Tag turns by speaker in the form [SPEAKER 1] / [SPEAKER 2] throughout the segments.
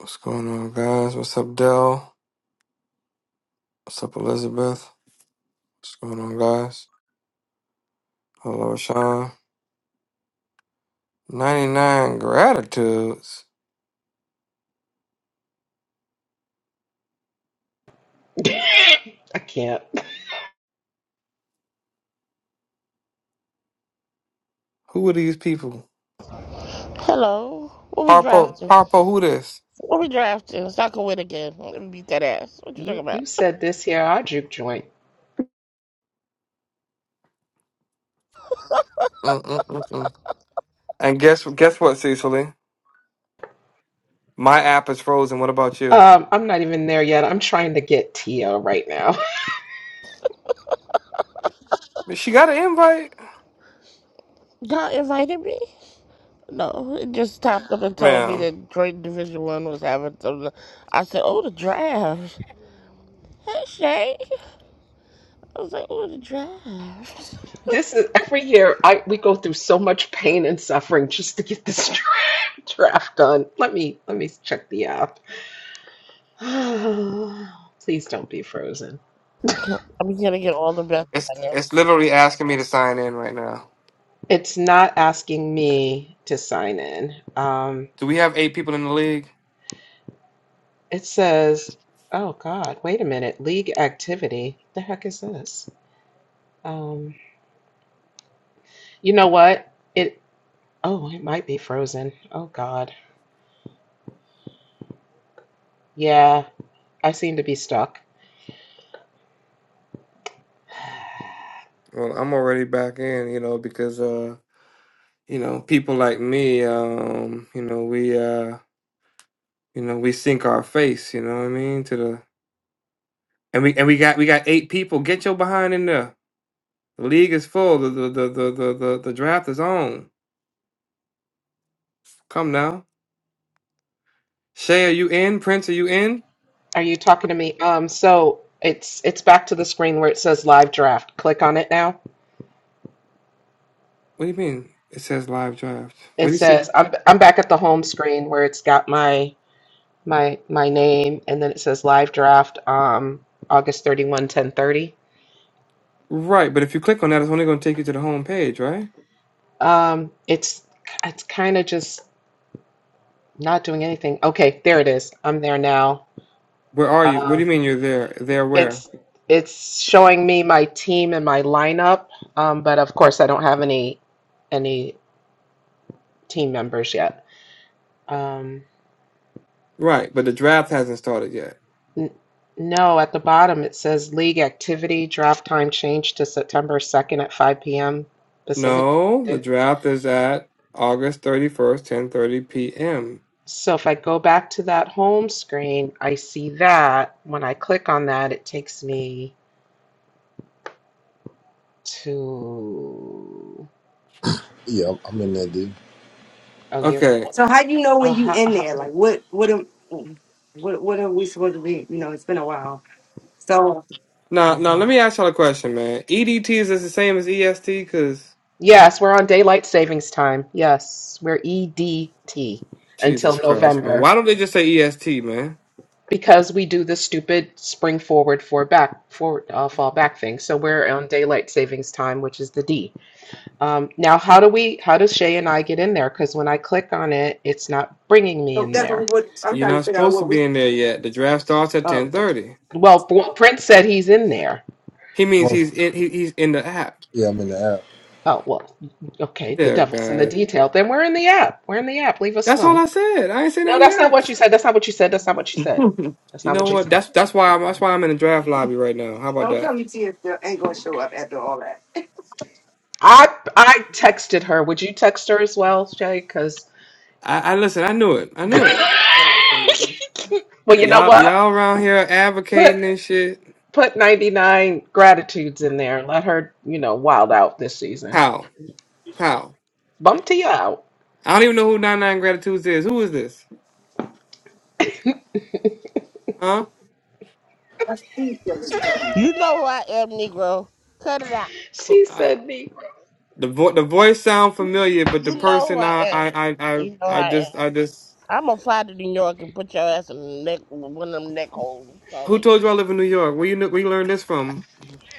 [SPEAKER 1] What's going on, guys? What's up, Dell? What's up, Elizabeth? What's going on, guys? Hello, Sean. 99 gratitudes.
[SPEAKER 2] I can't.
[SPEAKER 1] Who are these people?
[SPEAKER 3] Hello. What we
[SPEAKER 1] Harpo,
[SPEAKER 3] drafting?
[SPEAKER 1] Harpo, who this?
[SPEAKER 3] What we drafting? So I can win again. Let me beat that ass. What you talking
[SPEAKER 2] You
[SPEAKER 3] about?
[SPEAKER 2] you said this here, our juke joint.
[SPEAKER 1] Mm-mm-mm-mm. And guess guess what, Cecily? My app is frozen. What about you?
[SPEAKER 2] Um, I'm not even there yet. I'm trying to get Tia right now.
[SPEAKER 1] She got an invite,
[SPEAKER 3] God invited me? No, it just topped up and told me
[SPEAKER 1] ma'am.
[SPEAKER 3] that Drayton Division One was having some. I said, "Oh, the draft." Hey, Shay. I was like, "Oh, the draft."
[SPEAKER 2] This is every year I we go through so much pain and suffering just to get this dra- draft done. Let me let me check the app. Please don't be frozen.
[SPEAKER 3] I'm gonna get all the best
[SPEAKER 1] It's it's
[SPEAKER 3] players.
[SPEAKER 1] literally asking me to sign in right now.
[SPEAKER 2] It's not asking me to sign in. Um
[SPEAKER 1] Do we have eight people in the league?
[SPEAKER 2] It says, oh God, wait a minute. League activity. The heck is this? Um, you know what? It, oh, it might be frozen. Oh God. Yeah, I seem to be stuck.
[SPEAKER 1] Well, I'm already back in, you know, because uh, you know, people like me, um, you know, we uh You know, we sink our face, you know what I mean? To the and we and we got we got eight people. Get your behind in there. The league is full. The the the the the, the, the draft is on. Come now. Shay, are you in? Prince, are you in?
[SPEAKER 2] Are you talking to me? Um, so it's it's back to the screen where it says live draft. Click on it now.
[SPEAKER 1] What do you mean? It says live draft.
[SPEAKER 2] It
[SPEAKER 1] What do you see?
[SPEAKER 2] says I'm I'm back at the home screen where it's got my my my name and then it says live draft um August 31, 1030.
[SPEAKER 1] Right, but if you click on that, it's only gonna take you to the home page, right?
[SPEAKER 2] Um, it's it's kind of just Not doing anything. Okay, there it is. I'm there now.
[SPEAKER 1] Where are you? What do
[SPEAKER 2] Um,
[SPEAKER 1] you mean you're there? There where?
[SPEAKER 2] it's it's showing me my team and my lineup, um, but of course I don't have any any team members yet. Um,
[SPEAKER 1] Right, but the draft hasn't started yet.
[SPEAKER 2] n no, at the bottom it says league activity draft time changed to September 2nd at 5 p.m. Pacific.
[SPEAKER 1] No, the draft is at August 31st, 10:30 p.m.
[SPEAKER 2] So if I go back to that home screen, I see that. When I click on that, it takes me to
[SPEAKER 4] Yeah, I'm I'm in there, dude.
[SPEAKER 2] oh, you're
[SPEAKER 1] Okay,
[SPEAKER 5] So how do you know
[SPEAKER 2] Uh,
[SPEAKER 5] when you
[SPEAKER 2] ha,
[SPEAKER 5] in
[SPEAKER 2] ha,
[SPEAKER 5] there? Like what what am what what are we supposed to be? You know, it's been a while. So,
[SPEAKER 1] Now, now,
[SPEAKER 2] mhm.
[SPEAKER 1] let me ask y'all a question, man. EDT is this the same as EST? Cause
[SPEAKER 2] Yes, we're on daylight savings time. Yes, we're EDT until
[SPEAKER 1] Jesus Christ, man,
[SPEAKER 2] November
[SPEAKER 1] why don't they just say EST, man?
[SPEAKER 2] because we do the stupid spring forward for back for uh, fall back thing. So we're on daylight savings time, which is the D. Um, now, how do we? How does Shay and I get in there? Because when I click on it, it's not bringing me
[SPEAKER 5] so
[SPEAKER 2] in
[SPEAKER 5] that's
[SPEAKER 2] there.
[SPEAKER 5] what what- I'm
[SPEAKER 1] You're
[SPEAKER 5] trying to
[SPEAKER 1] not
[SPEAKER 5] figure out
[SPEAKER 1] supposed to
[SPEAKER 5] what we
[SPEAKER 1] be in there yet. The draft starts at
[SPEAKER 5] oh
[SPEAKER 1] ten
[SPEAKER 5] okay.
[SPEAKER 1] thirty.
[SPEAKER 2] Well, Pr- Prince said he's in there.
[SPEAKER 1] He means
[SPEAKER 4] Well,
[SPEAKER 1] he's in. He, he's in the app.
[SPEAKER 4] yeah, I'm in the app.
[SPEAKER 2] Oh well, okay. The
[SPEAKER 1] Dear
[SPEAKER 2] devil's in the
[SPEAKER 1] God,
[SPEAKER 2] detail. Then we're in the app. We're in the app. Leave us
[SPEAKER 1] that's all
[SPEAKER 2] alone.
[SPEAKER 1] I said. I ain't saying
[SPEAKER 2] No,
[SPEAKER 1] nothing
[SPEAKER 2] that's not what
[SPEAKER 1] else.
[SPEAKER 2] you said. That's not what you said. That's not what you said. That's
[SPEAKER 1] You
[SPEAKER 2] not
[SPEAKER 1] know
[SPEAKER 2] what you
[SPEAKER 1] what?
[SPEAKER 2] said.
[SPEAKER 1] That's that's why I'm that's why I'm in the draft lobby right now. How about
[SPEAKER 5] Don't
[SPEAKER 1] that?
[SPEAKER 5] tell me TSL ain't gonna show up after all that.
[SPEAKER 2] I I texted her. Would you text her as well, Jay? Because
[SPEAKER 1] I, I listen. I knew it. I
[SPEAKER 2] well,
[SPEAKER 1] knew
[SPEAKER 5] That's crazy.
[SPEAKER 1] it.
[SPEAKER 2] you know
[SPEAKER 1] Y'all y'all
[SPEAKER 2] what?
[SPEAKER 1] around here
[SPEAKER 2] Put
[SPEAKER 1] advocating and shit.
[SPEAKER 2] put ninety nine gratitudes in there. and Let her you know wild out this season.
[SPEAKER 1] How? How?
[SPEAKER 2] Bump to you out.
[SPEAKER 1] I don't even know who Nine Nine Gratitudes is. Who is this? Huh?
[SPEAKER 5] That's too silly.
[SPEAKER 3] You know who I am, Negro. Cut it out.
[SPEAKER 2] She said me.
[SPEAKER 1] The vo- the voice sound familiar, but the
[SPEAKER 3] You know who
[SPEAKER 1] person
[SPEAKER 3] I
[SPEAKER 1] I
[SPEAKER 3] am.
[SPEAKER 1] I I I,
[SPEAKER 3] You know who
[SPEAKER 1] I
[SPEAKER 3] I
[SPEAKER 1] just
[SPEAKER 3] am.
[SPEAKER 1] I just
[SPEAKER 3] I'm gonna fly to New York and put your ass in the neck, one of them neck holes. You Call
[SPEAKER 1] who
[SPEAKER 3] it.
[SPEAKER 1] told you I live in New York? Where you kn- where you learned this from?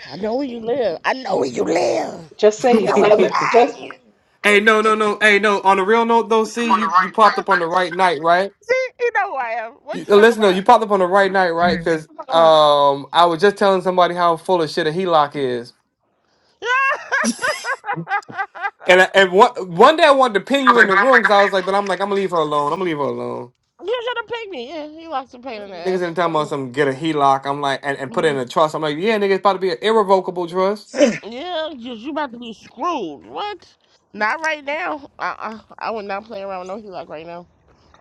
[SPEAKER 3] I know where you live. I know where you live.
[SPEAKER 2] Just say
[SPEAKER 3] I know
[SPEAKER 2] his
[SPEAKER 3] where to
[SPEAKER 2] other.
[SPEAKER 1] hey,
[SPEAKER 3] find
[SPEAKER 2] Just
[SPEAKER 3] you.
[SPEAKER 1] no, no, no. Hey, no. On a real note, though, see
[SPEAKER 5] On the
[SPEAKER 1] you
[SPEAKER 5] right
[SPEAKER 1] you
[SPEAKER 5] side,
[SPEAKER 1] popped up on the
[SPEAKER 5] right?
[SPEAKER 1] right night, right?
[SPEAKER 3] See, you know who I am. What
[SPEAKER 1] You,
[SPEAKER 3] you
[SPEAKER 1] uh,
[SPEAKER 3] talking
[SPEAKER 1] listen, though,
[SPEAKER 3] about?
[SPEAKER 1] you popped up on the right night, right?
[SPEAKER 3] What
[SPEAKER 1] Because
[SPEAKER 3] you talking about?
[SPEAKER 1] um, I was just telling somebody how full of shit a HELOC is,
[SPEAKER 3] Yeah.
[SPEAKER 1] and I- and one one day I wanted to pin
[SPEAKER 5] I was
[SPEAKER 1] you in
[SPEAKER 5] like,
[SPEAKER 1] the
[SPEAKER 5] but I'm like,
[SPEAKER 1] room because
[SPEAKER 5] I'm
[SPEAKER 1] I was like, but I'm like, I'm gonna leave her alone. I'm gonna leave her alone.
[SPEAKER 3] you should have picked me. Yeah, he lost a pain in the
[SPEAKER 1] Niggas
[SPEAKER 3] ass.
[SPEAKER 1] didn't tell me Get a HELOC. I'm like, and, and put it in a trust. I'm like, yeah, nigga, it's about to be an irrevocable trust.
[SPEAKER 3] Yeah, you, you about to be screwed. What? Not right now. Uh-uh. I would not play around with no HELOC right now.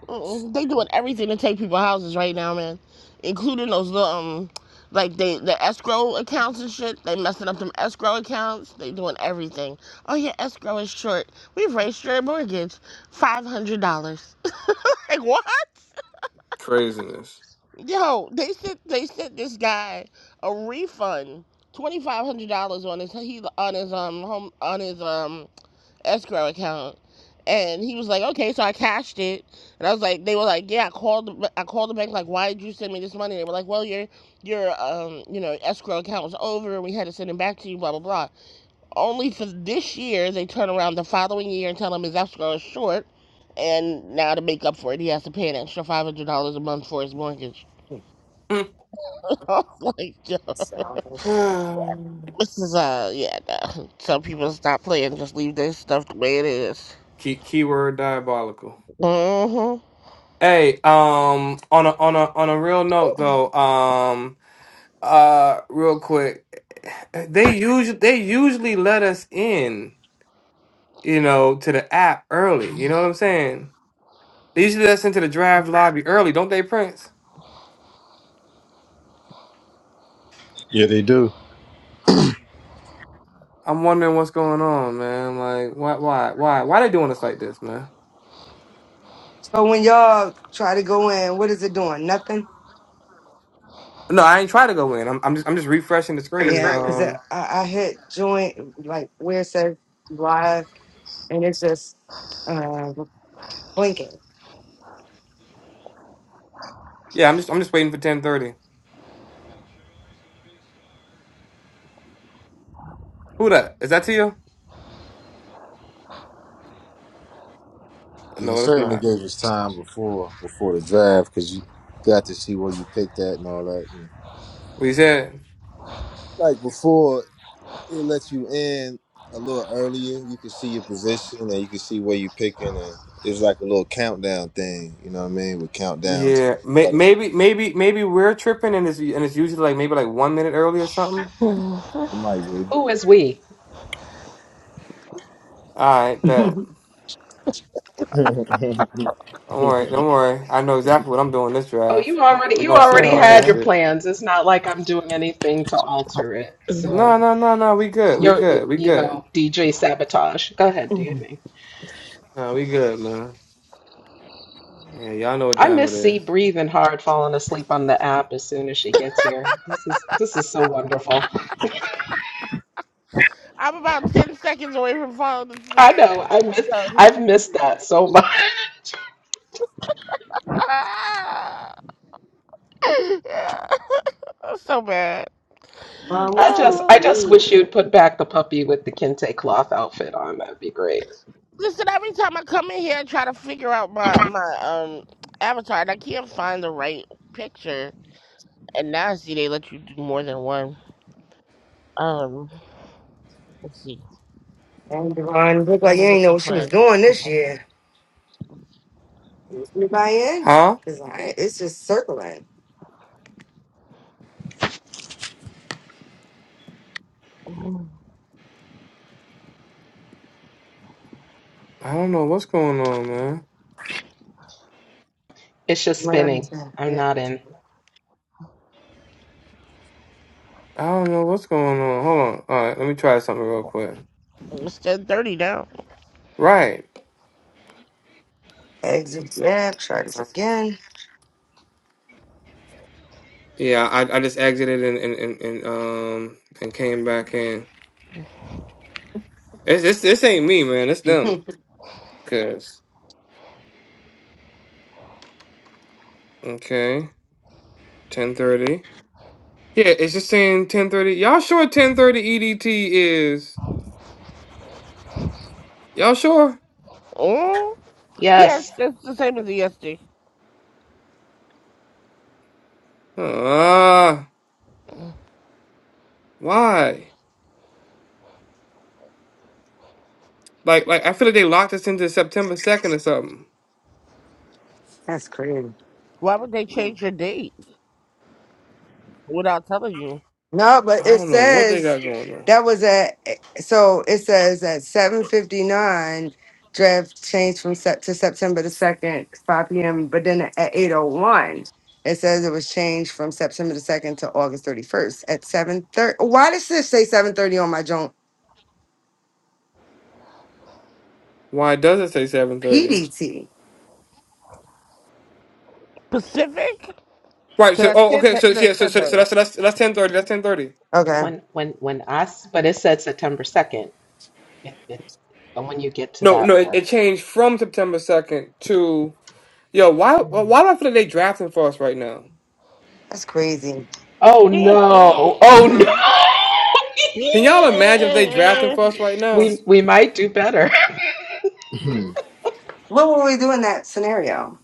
[SPEAKER 3] Mm-mm. They doing everything to take people houses right now, man, including those little um, like they the escrow accounts and shit. They messing up them escrow accounts. They doing everything. Oh yeah, escrow is short. We've raised your mortgage five hundred dollars. like what?
[SPEAKER 1] Craziness.
[SPEAKER 3] Yo, they sent they sent this guy a refund twenty five hundred dollars on his he on his um home on his um escrow account. And he was like, okay, so I cashed it. And I was like, they were like, yeah, I called I called the bank, like, why did you send me this money? They were like, well, your, your, um, you know, escrow account was over and we had to send it back to you, blah, blah, blah. Only for this year, they turn around the following year and tell him his escrow is short. And now to make up for it, he has to pay an extra $500 a month for his mortgage.
[SPEAKER 5] leaving.
[SPEAKER 3] I was like, yo,
[SPEAKER 5] That sounds good.
[SPEAKER 1] Mm.
[SPEAKER 3] this is, uh, yeah, no. Some people stop playing, just leave their stuff the way it is.
[SPEAKER 1] Key, keyword diabolical.
[SPEAKER 3] Mm-hmm.
[SPEAKER 1] Hey, um, on a on a on a real note though, um, uh, real quick, they usually they usually let us in, you know, to the app early. You know what I'm saying? They usually let us into the draft lobby early, don't they, Prince?
[SPEAKER 4] Yeah, they do.
[SPEAKER 1] I'm wondering what's going on, man. Like, why, why, why, why they doing us like this, man?
[SPEAKER 5] So when y'all try to go in, what is it doing? Nothing?
[SPEAKER 1] No, I ain't try to go in. I'm, I'm just I'm just refreshing the
[SPEAKER 3] In the
[SPEAKER 1] screen.
[SPEAKER 5] Yeah,
[SPEAKER 3] screen,
[SPEAKER 5] because I,
[SPEAKER 1] Um,
[SPEAKER 5] I hit join, like where it says live, and it's just uh, blinking.
[SPEAKER 1] yeah, I'm just I'm just waiting for ten thirty. Who that? Is that to you?
[SPEAKER 4] Yeah, it
[SPEAKER 1] No, that's
[SPEAKER 4] certainly
[SPEAKER 1] not.
[SPEAKER 4] gave us time before before the draft because you got to see where you picked at and all that. And
[SPEAKER 1] What you said?
[SPEAKER 4] like before, it lets you in a little earlier. You can see your position and you can see where you picking, and it's like a little countdown thing. You know what I mean? We count down to
[SPEAKER 1] Yeah, may,
[SPEAKER 4] started.
[SPEAKER 1] maybe maybe maybe we're tripping, and it's and it's usually like maybe like one minute early or something.
[SPEAKER 3] oh,
[SPEAKER 4] It might be.
[SPEAKER 2] who is we?
[SPEAKER 1] All right, bet. Don't worry, don't worry. I know exactly what I'm doing this
[SPEAKER 2] Oh,
[SPEAKER 1] draft.
[SPEAKER 2] you already
[SPEAKER 1] We're
[SPEAKER 2] you
[SPEAKER 1] gonna see
[SPEAKER 2] already
[SPEAKER 1] about
[SPEAKER 2] had
[SPEAKER 1] this
[SPEAKER 2] your
[SPEAKER 1] shit.
[SPEAKER 2] plans. It's not like I'm doing anything to alter it.
[SPEAKER 1] No,
[SPEAKER 2] So.
[SPEAKER 1] no, no, no. We good. We
[SPEAKER 2] You're,
[SPEAKER 1] good. We
[SPEAKER 2] you
[SPEAKER 1] good.
[SPEAKER 2] know, DJ sabotage. Go ahead, do your thing.
[SPEAKER 1] No, we good, man. Yeah, y'all know what
[SPEAKER 2] I
[SPEAKER 1] time
[SPEAKER 2] miss
[SPEAKER 1] it
[SPEAKER 2] C
[SPEAKER 1] is.
[SPEAKER 2] breathing hard, falling asleep on the app as soon as she gets here. This is this is so wonderful.
[SPEAKER 3] I'm about 10 seconds away from falling
[SPEAKER 2] I
[SPEAKER 3] asleep.
[SPEAKER 2] know. I miss.
[SPEAKER 3] So,
[SPEAKER 2] I've missed that so much.
[SPEAKER 3] ah, yeah, I'm so bad.
[SPEAKER 5] Mom, what
[SPEAKER 2] I just,
[SPEAKER 5] you
[SPEAKER 2] I
[SPEAKER 3] Oh.
[SPEAKER 2] just
[SPEAKER 5] doing?
[SPEAKER 2] wish you'd put back the puppy with the kente cloth outfit on. That'd be great.
[SPEAKER 3] Listen, every time I come in here and try to figure out my, my um avatar, and I can't find the right picture. And now I see they let you do more than one. Um, let's see.
[SPEAKER 5] And Devon looked like
[SPEAKER 3] I'm
[SPEAKER 5] you ain't know
[SPEAKER 3] looking
[SPEAKER 5] what she
[SPEAKER 3] for
[SPEAKER 5] was
[SPEAKER 3] a
[SPEAKER 5] doing this year. You buy in?
[SPEAKER 1] Huh?
[SPEAKER 5] Cause I, it's just circling.
[SPEAKER 3] Ooh,
[SPEAKER 1] I don't know what's going on, man.
[SPEAKER 2] It's just
[SPEAKER 5] Right.
[SPEAKER 2] spinning. I'm
[SPEAKER 5] Yeah.
[SPEAKER 2] not in.
[SPEAKER 1] I don't know what's going on. Hold on. All right, let me try something real quick.
[SPEAKER 3] It's 10.30 now.
[SPEAKER 1] Right.
[SPEAKER 5] Exit. Yeah. Try this again.
[SPEAKER 1] Yeah, I, I just exited and, and, and, and um and came back in. It's, it's this ain't me, man. It's them. Cause okay, ten thirty. Yeah, it's just saying ten thirty. Y'all sure ten thirty EDT is? Y'all sure?
[SPEAKER 3] Oh, yeah, it's,
[SPEAKER 2] Yes.
[SPEAKER 3] it's the same as yesterday.
[SPEAKER 1] Ah, why? Like like I feel like they locked us into September second or something.
[SPEAKER 5] That's crazy.
[SPEAKER 3] Why would they change your date? without telling you.
[SPEAKER 5] No, but
[SPEAKER 1] I
[SPEAKER 5] it
[SPEAKER 1] don't know what they
[SPEAKER 5] says
[SPEAKER 1] got going on.
[SPEAKER 5] that was at so it says at seven fifty nine draft changed from set to September the second, five PM, but then at eight oh one. It says it was changed from September the second to August thirty first at seven thirty. Why does this say seven thirty on my joint
[SPEAKER 1] Why does it say seven thirty?
[SPEAKER 5] PDT?
[SPEAKER 3] Pacific?
[SPEAKER 1] Right.
[SPEAKER 3] So
[SPEAKER 1] So,
[SPEAKER 3] that's
[SPEAKER 1] oh,
[SPEAKER 3] 10,
[SPEAKER 1] okay.
[SPEAKER 3] that-
[SPEAKER 1] So,
[SPEAKER 3] that's
[SPEAKER 1] yeah. So,
[SPEAKER 3] 10
[SPEAKER 1] so, so
[SPEAKER 3] dollars.
[SPEAKER 1] that's so that's that's ten thirty. That's ten thirty.
[SPEAKER 5] Okay,
[SPEAKER 2] When, when, when I. s- But it said September second. It, it, and when you get to
[SPEAKER 1] No, no.
[SPEAKER 2] that
[SPEAKER 1] It, it
[SPEAKER 2] part.
[SPEAKER 1] changed from September second to yo. Why? Why do I feel like they drafting for us right now?
[SPEAKER 5] that's crazy.
[SPEAKER 2] Oh no. Oh no.
[SPEAKER 1] Can y'all imagine if they drafting
[SPEAKER 3] Yeah.
[SPEAKER 1] for us right now?
[SPEAKER 2] we we might do better.
[SPEAKER 5] What would we do in that scenario?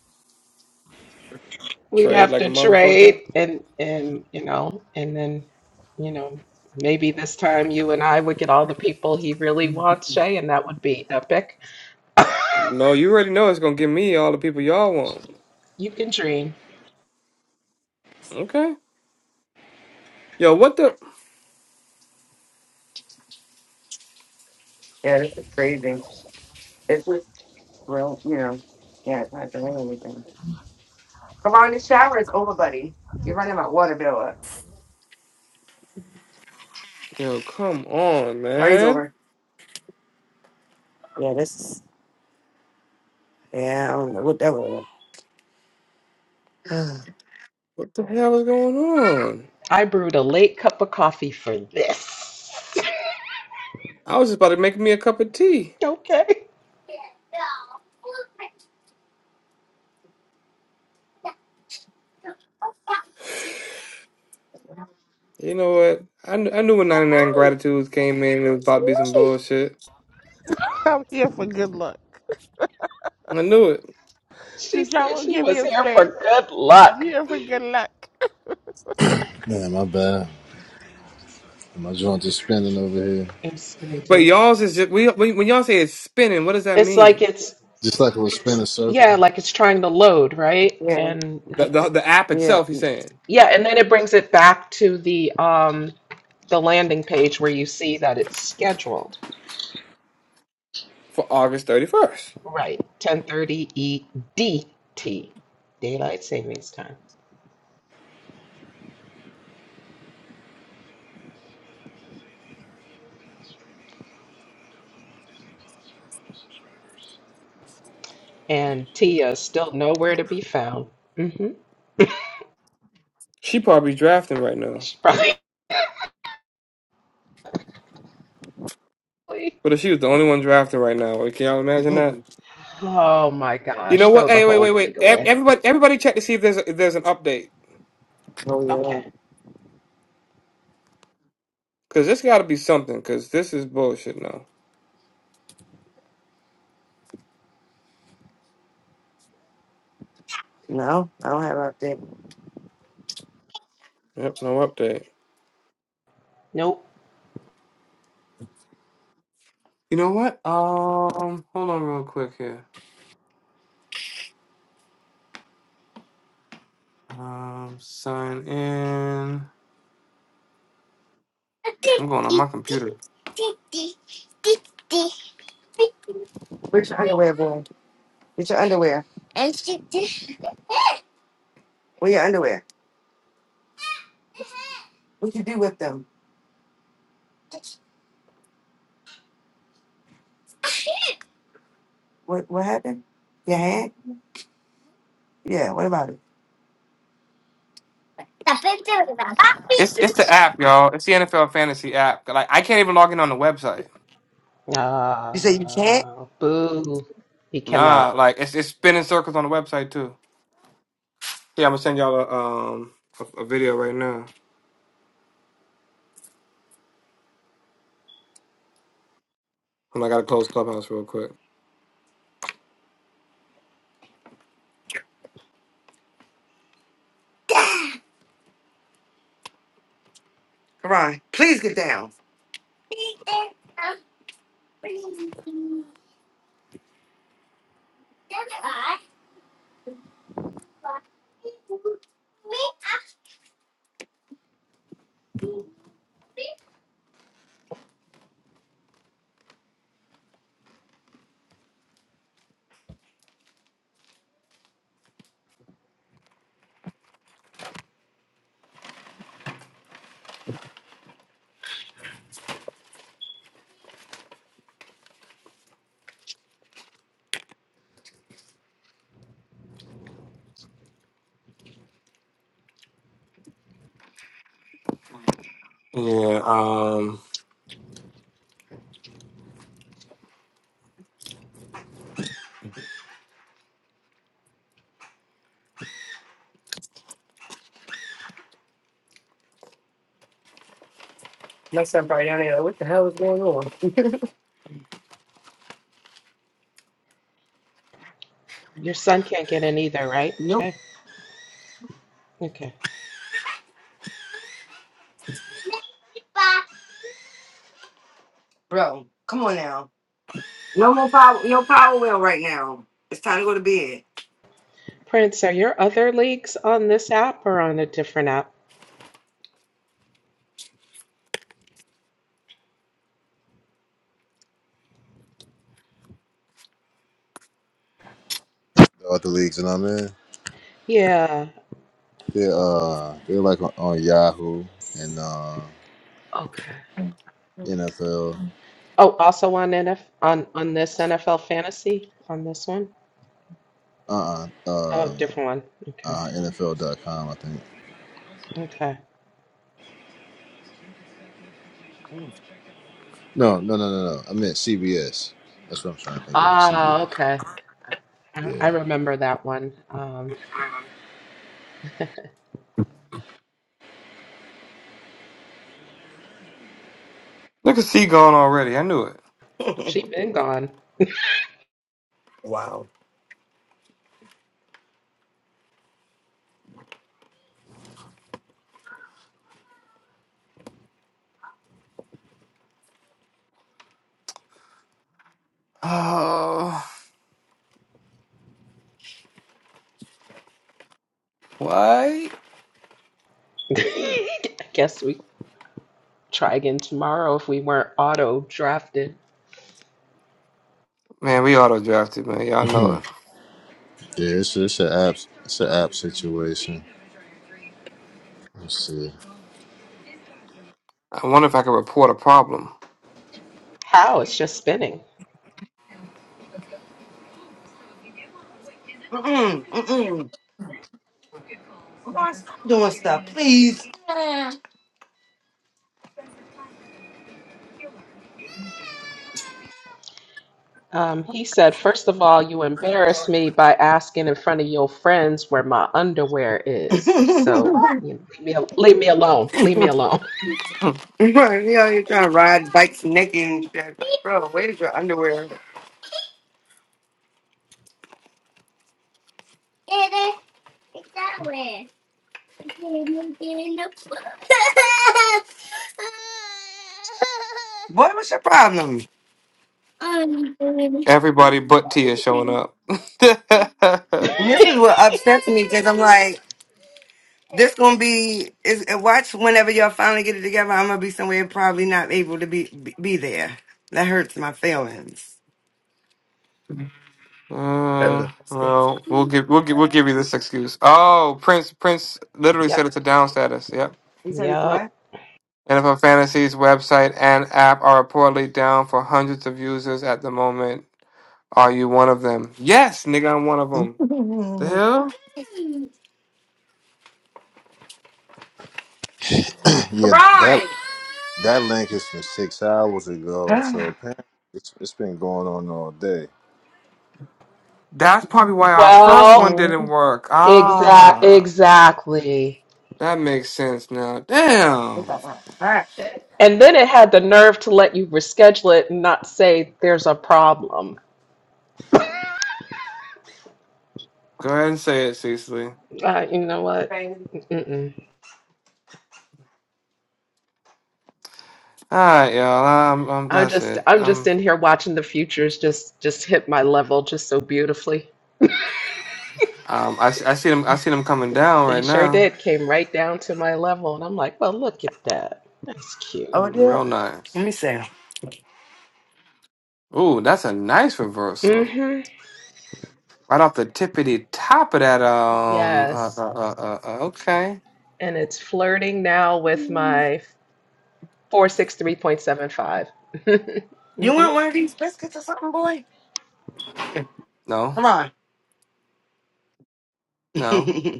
[SPEAKER 2] We'd
[SPEAKER 1] Trade
[SPEAKER 2] have
[SPEAKER 1] like a
[SPEAKER 2] to
[SPEAKER 1] motherfucker.
[SPEAKER 2] trade and and you know, and then you know, maybe this time you and I would get all the people he really wants, Shay, and that would be epic.
[SPEAKER 1] No, you already know it's gonna give me all the people y'all want.
[SPEAKER 2] you can dream.
[SPEAKER 1] Okay. Yo, what the?
[SPEAKER 5] Yeah, this is crazy. It's just real, you know. Yeah, it's not doing anything. Come on, the shower is over, buddy. You're running my water bill up.
[SPEAKER 1] Yo, come on,
[SPEAKER 5] Party's
[SPEAKER 1] man.
[SPEAKER 5] over. Yeah, this is. Yeah, I don't know what that was.
[SPEAKER 1] What the hell is going on?
[SPEAKER 2] I brewed a late cup of coffee for this.
[SPEAKER 1] I was just about to make me a cup of tea.
[SPEAKER 2] okay.
[SPEAKER 1] You know what? I, kn- I knew when 99 Gratitudes came in, it was about to be some bullshit.
[SPEAKER 3] I'm here for good luck.
[SPEAKER 1] I knew it.
[SPEAKER 2] She
[SPEAKER 3] Since y'all
[SPEAKER 2] said
[SPEAKER 3] won't
[SPEAKER 2] she
[SPEAKER 3] give me
[SPEAKER 2] was
[SPEAKER 3] a
[SPEAKER 2] here
[SPEAKER 3] space,
[SPEAKER 2] for good
[SPEAKER 3] I'm
[SPEAKER 2] luck
[SPEAKER 3] here for good luck.
[SPEAKER 4] Man, my bad. My joint is spinning over here,
[SPEAKER 2] in
[SPEAKER 1] But
[SPEAKER 2] Springton.
[SPEAKER 1] y'all's is just we when, when y'all say it's spinning, what does that
[SPEAKER 2] It's like
[SPEAKER 1] mean?
[SPEAKER 2] it's
[SPEAKER 4] just like it was spinning circle.
[SPEAKER 2] Yeah, like it's trying to load, right?
[SPEAKER 5] yeah,
[SPEAKER 2] And
[SPEAKER 1] The the,
[SPEAKER 2] nothing.
[SPEAKER 1] the app
[SPEAKER 5] yeah.
[SPEAKER 1] itself, he's saying
[SPEAKER 2] Yeah, and then it brings it back to the um the landing page where you see that it's scheduled.
[SPEAKER 1] for August thirty first.
[SPEAKER 2] Right. 10:30 EDT, daylight savings time. And Tia still nowhere to be found. Mm-hmm.
[SPEAKER 1] She probably drafting right now.
[SPEAKER 2] She's probably.
[SPEAKER 1] But if she was the only one drafting right now, like, can y'all imagine that?
[SPEAKER 2] Oh my
[SPEAKER 1] You know
[SPEAKER 2] gosh, throw
[SPEAKER 1] what?
[SPEAKER 2] the
[SPEAKER 1] Hey, wait, wait,
[SPEAKER 2] whole
[SPEAKER 1] wait.
[SPEAKER 2] league
[SPEAKER 1] Ev-
[SPEAKER 2] away.
[SPEAKER 1] Everybody, everybody, check to see if there's a, if there's an update
[SPEAKER 5] oh,
[SPEAKER 2] Okay.
[SPEAKER 5] yeah.
[SPEAKER 1] because this got to be something because this is bullshit now.
[SPEAKER 5] No, I don't have an update.
[SPEAKER 1] Yep, no update.
[SPEAKER 2] Nope.
[SPEAKER 1] You know what? Um, hold on real quick here. Um, sign in. I'm going on my computer.
[SPEAKER 5] Where's your underwear, boy? Get your underwear. Where your underwear? What you do with them? What What happened? Your hand? Yeah, what about it?
[SPEAKER 1] It's it's the app, y'all. It's the NFL fantasy app. Like I can't even log in on the website.
[SPEAKER 5] You say you can't?
[SPEAKER 2] Uh, boo. He
[SPEAKER 1] Nah,
[SPEAKER 2] cannot.
[SPEAKER 1] like it's it's spinning circles on the website too. Yeah, I'm gonna send y'all a um a, a video right now. And I gotta close clubhouse real quick.
[SPEAKER 5] Come on, please get down.
[SPEAKER 1] Yeah. Um.
[SPEAKER 5] My son probably down there. like, What the hell is going on?
[SPEAKER 2] Your son can't get in either, right,
[SPEAKER 5] Nope.
[SPEAKER 2] Jay? Okay.
[SPEAKER 5] Bro, come on now. No more power. No power wheel right now. It's time to go to bed.
[SPEAKER 2] Prince, are your other leagues on this app or on a different app?
[SPEAKER 4] the other leagues that I'm in,
[SPEAKER 2] Yeah.
[SPEAKER 4] they're uh they're like on, on Yahoo and uh
[SPEAKER 2] Okay.
[SPEAKER 4] NFL
[SPEAKER 2] Oh, also on NF on on this NFL fantasy on this one?
[SPEAKER 4] uh uh
[SPEAKER 2] Oh,
[SPEAKER 4] um
[SPEAKER 2] different one. Okay.
[SPEAKER 4] uh N F L dot com I think.
[SPEAKER 2] Okay.
[SPEAKER 4] No no no no no. I meant CBS. That's what I'm trying to think of.
[SPEAKER 2] Ah,
[SPEAKER 4] CBS.
[SPEAKER 2] okay. I, I
[SPEAKER 4] Yeah.
[SPEAKER 2] remember that one. Um,
[SPEAKER 1] Look at C gone already. I knew it.
[SPEAKER 2] she been gone.
[SPEAKER 5] Wow.
[SPEAKER 1] Oh, why?
[SPEAKER 2] I guess we try again tomorrow if we weren't auto drafted.
[SPEAKER 1] Man, we auto drafted, man. Y'all know it.
[SPEAKER 4] yeah. It's it's an app it's an app situation. Let's see.
[SPEAKER 1] I wonder if I can report a problem.
[SPEAKER 2] How? It's just spinning.
[SPEAKER 5] Mm-mm, mm-mm. Lord, stop doing stuff, please.
[SPEAKER 2] Um, he said, First of all, you embarrassed me by asking in front of your friends where my underwear is. So, you know, leave me, al- leave me alone. Leave me alone.
[SPEAKER 1] Hmm.
[SPEAKER 5] Right, you know, you're trying to ride bikes naked and shit. Like, bro, where's your underwear? Boy, what's your problem?
[SPEAKER 1] Everybody but T is showing up.
[SPEAKER 5] And this is what upsets me because I'm like, this gonna be is watch whenever y'all finally get it together. I'm gonna be somewhere probably not able to be be, be there. That hurts my feelings.
[SPEAKER 1] Uh, well, we'll give we'll give we'll give you this excuse. Oh, Prince Prince literally said
[SPEAKER 2] Yep.
[SPEAKER 1] it's a down status. Yep.
[SPEAKER 5] You said it's
[SPEAKER 2] Yep.
[SPEAKER 5] what?
[SPEAKER 1] NFL Fantasy's website and app are reportedly down for hundreds of users at the moment. Are you one of them? Yes, nigga, I'm one of them. The hell?
[SPEAKER 4] yeah that that link is from six hours ago. So apparently it's, it's been going on all day.
[SPEAKER 1] That's probably why our first one
[SPEAKER 2] Well,
[SPEAKER 1] didn't
[SPEAKER 5] Mm-hmm.
[SPEAKER 1] work.
[SPEAKER 2] exact,
[SPEAKER 1] Ah,
[SPEAKER 2] exactly.
[SPEAKER 1] that makes sense now.
[SPEAKER 5] It's
[SPEAKER 1] Damn.
[SPEAKER 5] all right. All right.
[SPEAKER 2] And then it had the nerve to let you reschedule it and not say there's a problem.
[SPEAKER 1] Go ahead and say it, Cecily.
[SPEAKER 2] Uh, you know what?
[SPEAKER 5] Crazy.
[SPEAKER 2] Mm-mm.
[SPEAKER 1] All right, y'all. Um, um
[SPEAKER 2] I'm
[SPEAKER 1] that's
[SPEAKER 2] just,
[SPEAKER 1] it.
[SPEAKER 2] I'm just
[SPEAKER 1] Um,
[SPEAKER 2] in here watching the futures just, just hit my level just so beautifully.
[SPEAKER 1] um, I, see- I see them. I see them coming down
[SPEAKER 2] They
[SPEAKER 1] right
[SPEAKER 2] sure
[SPEAKER 1] now.
[SPEAKER 2] did. Came right down to my level. And I'm like, well, look at that. That's cute.
[SPEAKER 5] Oh, it
[SPEAKER 1] Mm,
[SPEAKER 5] did.
[SPEAKER 1] Real
[SPEAKER 5] Let
[SPEAKER 1] nice.
[SPEAKER 5] me see.
[SPEAKER 1] Ooh, that's a nice reversal.
[SPEAKER 2] hmm
[SPEAKER 1] Right off the tippity top of that. Um. Uh.
[SPEAKER 2] Yes.
[SPEAKER 1] Uh. Uh. uh uh, okay.
[SPEAKER 2] And it's flirting now with my 463.75.
[SPEAKER 5] You
[SPEAKER 2] hmm
[SPEAKER 5] want one of these biscuits or something, boy?
[SPEAKER 1] No.
[SPEAKER 5] Come
[SPEAKER 1] No.
[SPEAKER 5] on.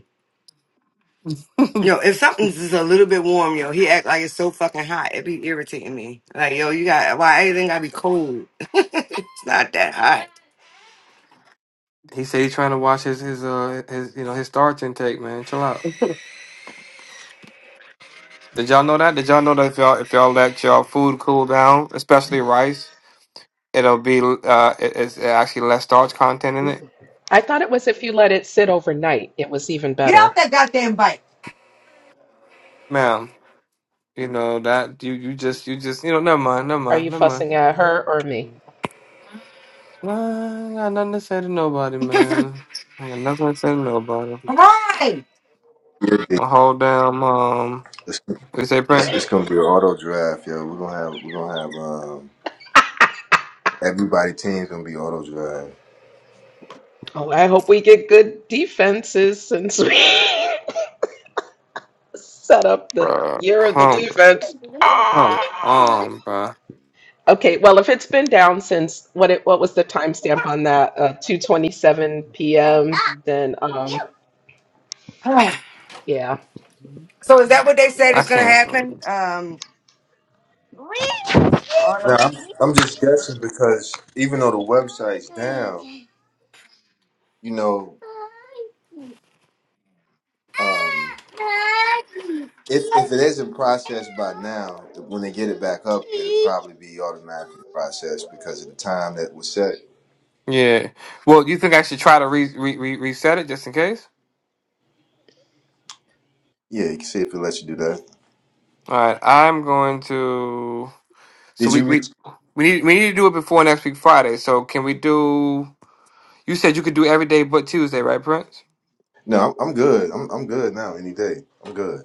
[SPEAKER 5] Yo, if something's just a little bit warm, yo, he act like it's so fucking hot. It be irritating me. Like, yo, you got why everything gotta be cold? it's not that hot.
[SPEAKER 1] he said he's trying to watch his his uh his you know his starch intake. Man, chill out. Did y'all know that? Did y'all know that if y'all if y'all let y'all food cool down, especially rice, it'll be uh it, it's actually less starch content in it,
[SPEAKER 2] I thought it was if you let it sit overnight, it was even
[SPEAKER 5] Get
[SPEAKER 2] better.
[SPEAKER 5] off that goddamn bike.
[SPEAKER 1] ma'am. You know that you you just you just you know never mind never
[SPEAKER 2] Are
[SPEAKER 1] mind
[SPEAKER 2] you
[SPEAKER 1] never mind.
[SPEAKER 2] fussing at her or me?
[SPEAKER 1] Nah, I got nothing to say to nobody, man. I got nothing to say to nobody.
[SPEAKER 4] It's,
[SPEAKER 1] My whole damn um, we say
[SPEAKER 4] it's,
[SPEAKER 1] Prince,
[SPEAKER 4] it's gonna be an auto draft, yo. We're gonna have we're gonna have um Everybody team's gonna be auto drive.
[SPEAKER 2] Oh, I hope we get good defenses since we set up the
[SPEAKER 1] bruh.
[SPEAKER 2] year of the
[SPEAKER 1] Come,
[SPEAKER 2] defense.
[SPEAKER 1] come
[SPEAKER 2] Ah!
[SPEAKER 1] on, bruh.
[SPEAKER 2] Okay, well, if it's been down since what it what was the timestamp on that? Uh, 2:27 p.m. Then um
[SPEAKER 5] Ah.
[SPEAKER 2] yeah,
[SPEAKER 5] so is that what they said
[SPEAKER 1] I
[SPEAKER 5] is gonna
[SPEAKER 1] can't.
[SPEAKER 5] happen?
[SPEAKER 1] believe-
[SPEAKER 5] Um,
[SPEAKER 4] Now
[SPEAKER 5] auto.
[SPEAKER 4] I'm, I'm just guessing because even though the website's down, you know, um, if if it isn't processed by now, when they get it back up, it'll probably be automatically processed because of the time that was set.
[SPEAKER 1] Yeah. Well, you think I should try to re- re- re- reset it just in case?
[SPEAKER 4] Yeah, you can see if it lets you do that.
[SPEAKER 1] All right. I'm going to. So
[SPEAKER 4] Did
[SPEAKER 1] we
[SPEAKER 4] you? Re-
[SPEAKER 1] we we need we need to do it before next week Friday. So can we do? You said you could do every day but Tuesday, right, Prince?
[SPEAKER 4] no, I'm, I'm good. I'm I'm good now. Any day, I'm good.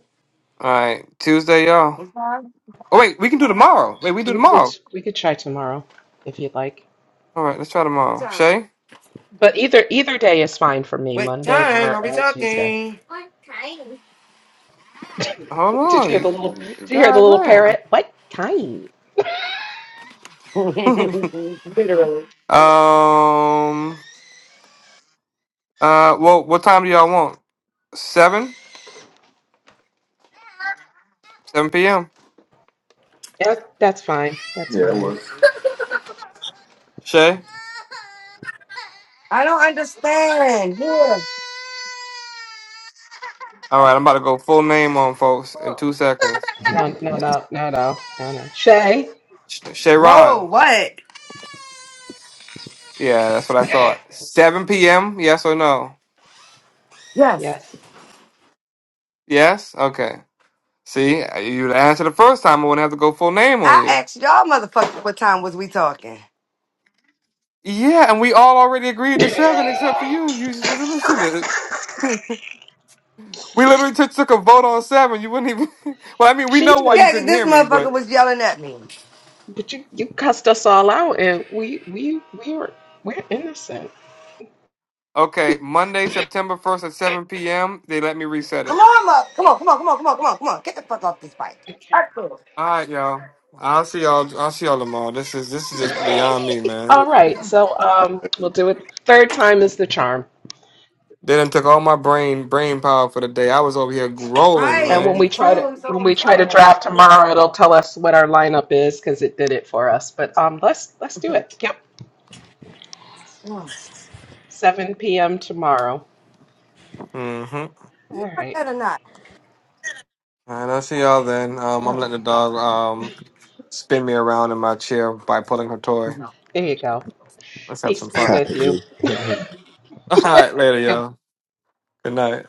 [SPEAKER 1] All right, Tuesday, y'all.
[SPEAKER 5] What time?
[SPEAKER 1] Oh wait, we can do tomorrow. Wait, we do
[SPEAKER 2] we could
[SPEAKER 1] tomorrow.
[SPEAKER 2] we could try tomorrow if you'd like.
[SPEAKER 1] All right, let's try
[SPEAKER 5] What
[SPEAKER 1] tomorrow.
[SPEAKER 5] time?
[SPEAKER 1] Shay,
[SPEAKER 2] But either either day is fine for me,
[SPEAKER 5] What
[SPEAKER 2] Monday
[SPEAKER 5] time are
[SPEAKER 2] or
[SPEAKER 5] we
[SPEAKER 2] uh, Tuesday.
[SPEAKER 5] talking?
[SPEAKER 1] hold
[SPEAKER 2] Did you hear the
[SPEAKER 1] on,
[SPEAKER 2] little did you hear the
[SPEAKER 1] God
[SPEAKER 2] little parrot? What time?
[SPEAKER 1] damn.
[SPEAKER 5] Literally.
[SPEAKER 1] um. Uh. Well, what time do y'all want? Seven. Seven p.m.
[SPEAKER 2] Yeah, that's fine. That's
[SPEAKER 4] Yeah, that
[SPEAKER 2] fine.
[SPEAKER 4] works.
[SPEAKER 1] Shay.
[SPEAKER 5] I don't understand. Yeah.
[SPEAKER 1] All
[SPEAKER 2] That,
[SPEAKER 1] right, I'm about to go full name on folks in two seconds.
[SPEAKER 4] All
[SPEAKER 2] no, no, no, no, no, no, no. Shay,
[SPEAKER 1] Sh-
[SPEAKER 5] Bro,
[SPEAKER 1] Sharon.
[SPEAKER 5] what?
[SPEAKER 1] Yeah, that's what I thought. Seven p.m. Yes or no?
[SPEAKER 5] Yes.
[SPEAKER 2] yes,
[SPEAKER 1] Yes. Okay. See, you answered the first time. I wouldn't have to go full name on
[SPEAKER 5] I
[SPEAKER 1] you.
[SPEAKER 5] asked y'all motherfuckers what time was we talking.
[SPEAKER 1] Yeah, and we all already agreed to seven except for you. You just wasn't listening. We literally t- took a vote on seven. You wouldn't even. Well, I mean, we
[SPEAKER 2] she
[SPEAKER 1] know why
[SPEAKER 2] does.
[SPEAKER 1] you
[SPEAKER 5] Yeah, 'cause
[SPEAKER 1] couldn't hear
[SPEAKER 5] this
[SPEAKER 1] me,
[SPEAKER 5] motherfucker
[SPEAKER 1] but
[SPEAKER 5] was yelling at me.
[SPEAKER 2] But you, you cussed us all out, and we, we, we were, we're innocent.
[SPEAKER 1] okay. Monday, September first at seven p.m. They let me reset
[SPEAKER 5] Come
[SPEAKER 1] it.
[SPEAKER 5] on, mother. Come on, come on, come on, come on, come on, come on. Get the fuck off this bike.
[SPEAKER 1] All right, y'all. I'll see y'all. I'll see y'all tomorrow. This is this is just beyond me, man.
[SPEAKER 2] All right, so um, we'll do it. Third time is the charm,
[SPEAKER 1] They done took all my brain brain power for the day. I was over here rolling,
[SPEAKER 2] and
[SPEAKER 5] Right.
[SPEAKER 2] when
[SPEAKER 1] man.
[SPEAKER 5] Me
[SPEAKER 2] we try
[SPEAKER 5] too.
[SPEAKER 2] to
[SPEAKER 5] I'm so.
[SPEAKER 2] when we try to draft tomorrow, it'll tell us what our lineup is because it did it for us. But um, let's let's do it. Yep,
[SPEAKER 5] you
[SPEAKER 2] 7 p.m. tomorrow.
[SPEAKER 1] Mm-hmm. All
[SPEAKER 2] All
[SPEAKER 5] want
[SPEAKER 2] right,
[SPEAKER 5] that or not?
[SPEAKER 1] right, I'll see y'all then. Um, I'm letting the
[SPEAKER 5] Oh,
[SPEAKER 1] dog
[SPEAKER 5] God.
[SPEAKER 1] um spin me around in my chair by pulling her toy.
[SPEAKER 2] there you go.
[SPEAKER 1] Let's have
[SPEAKER 2] Peace
[SPEAKER 1] some
[SPEAKER 2] be
[SPEAKER 1] fun.
[SPEAKER 4] right,
[SPEAKER 2] with you.
[SPEAKER 4] dude.
[SPEAKER 1] All right, later, y'all. Good night.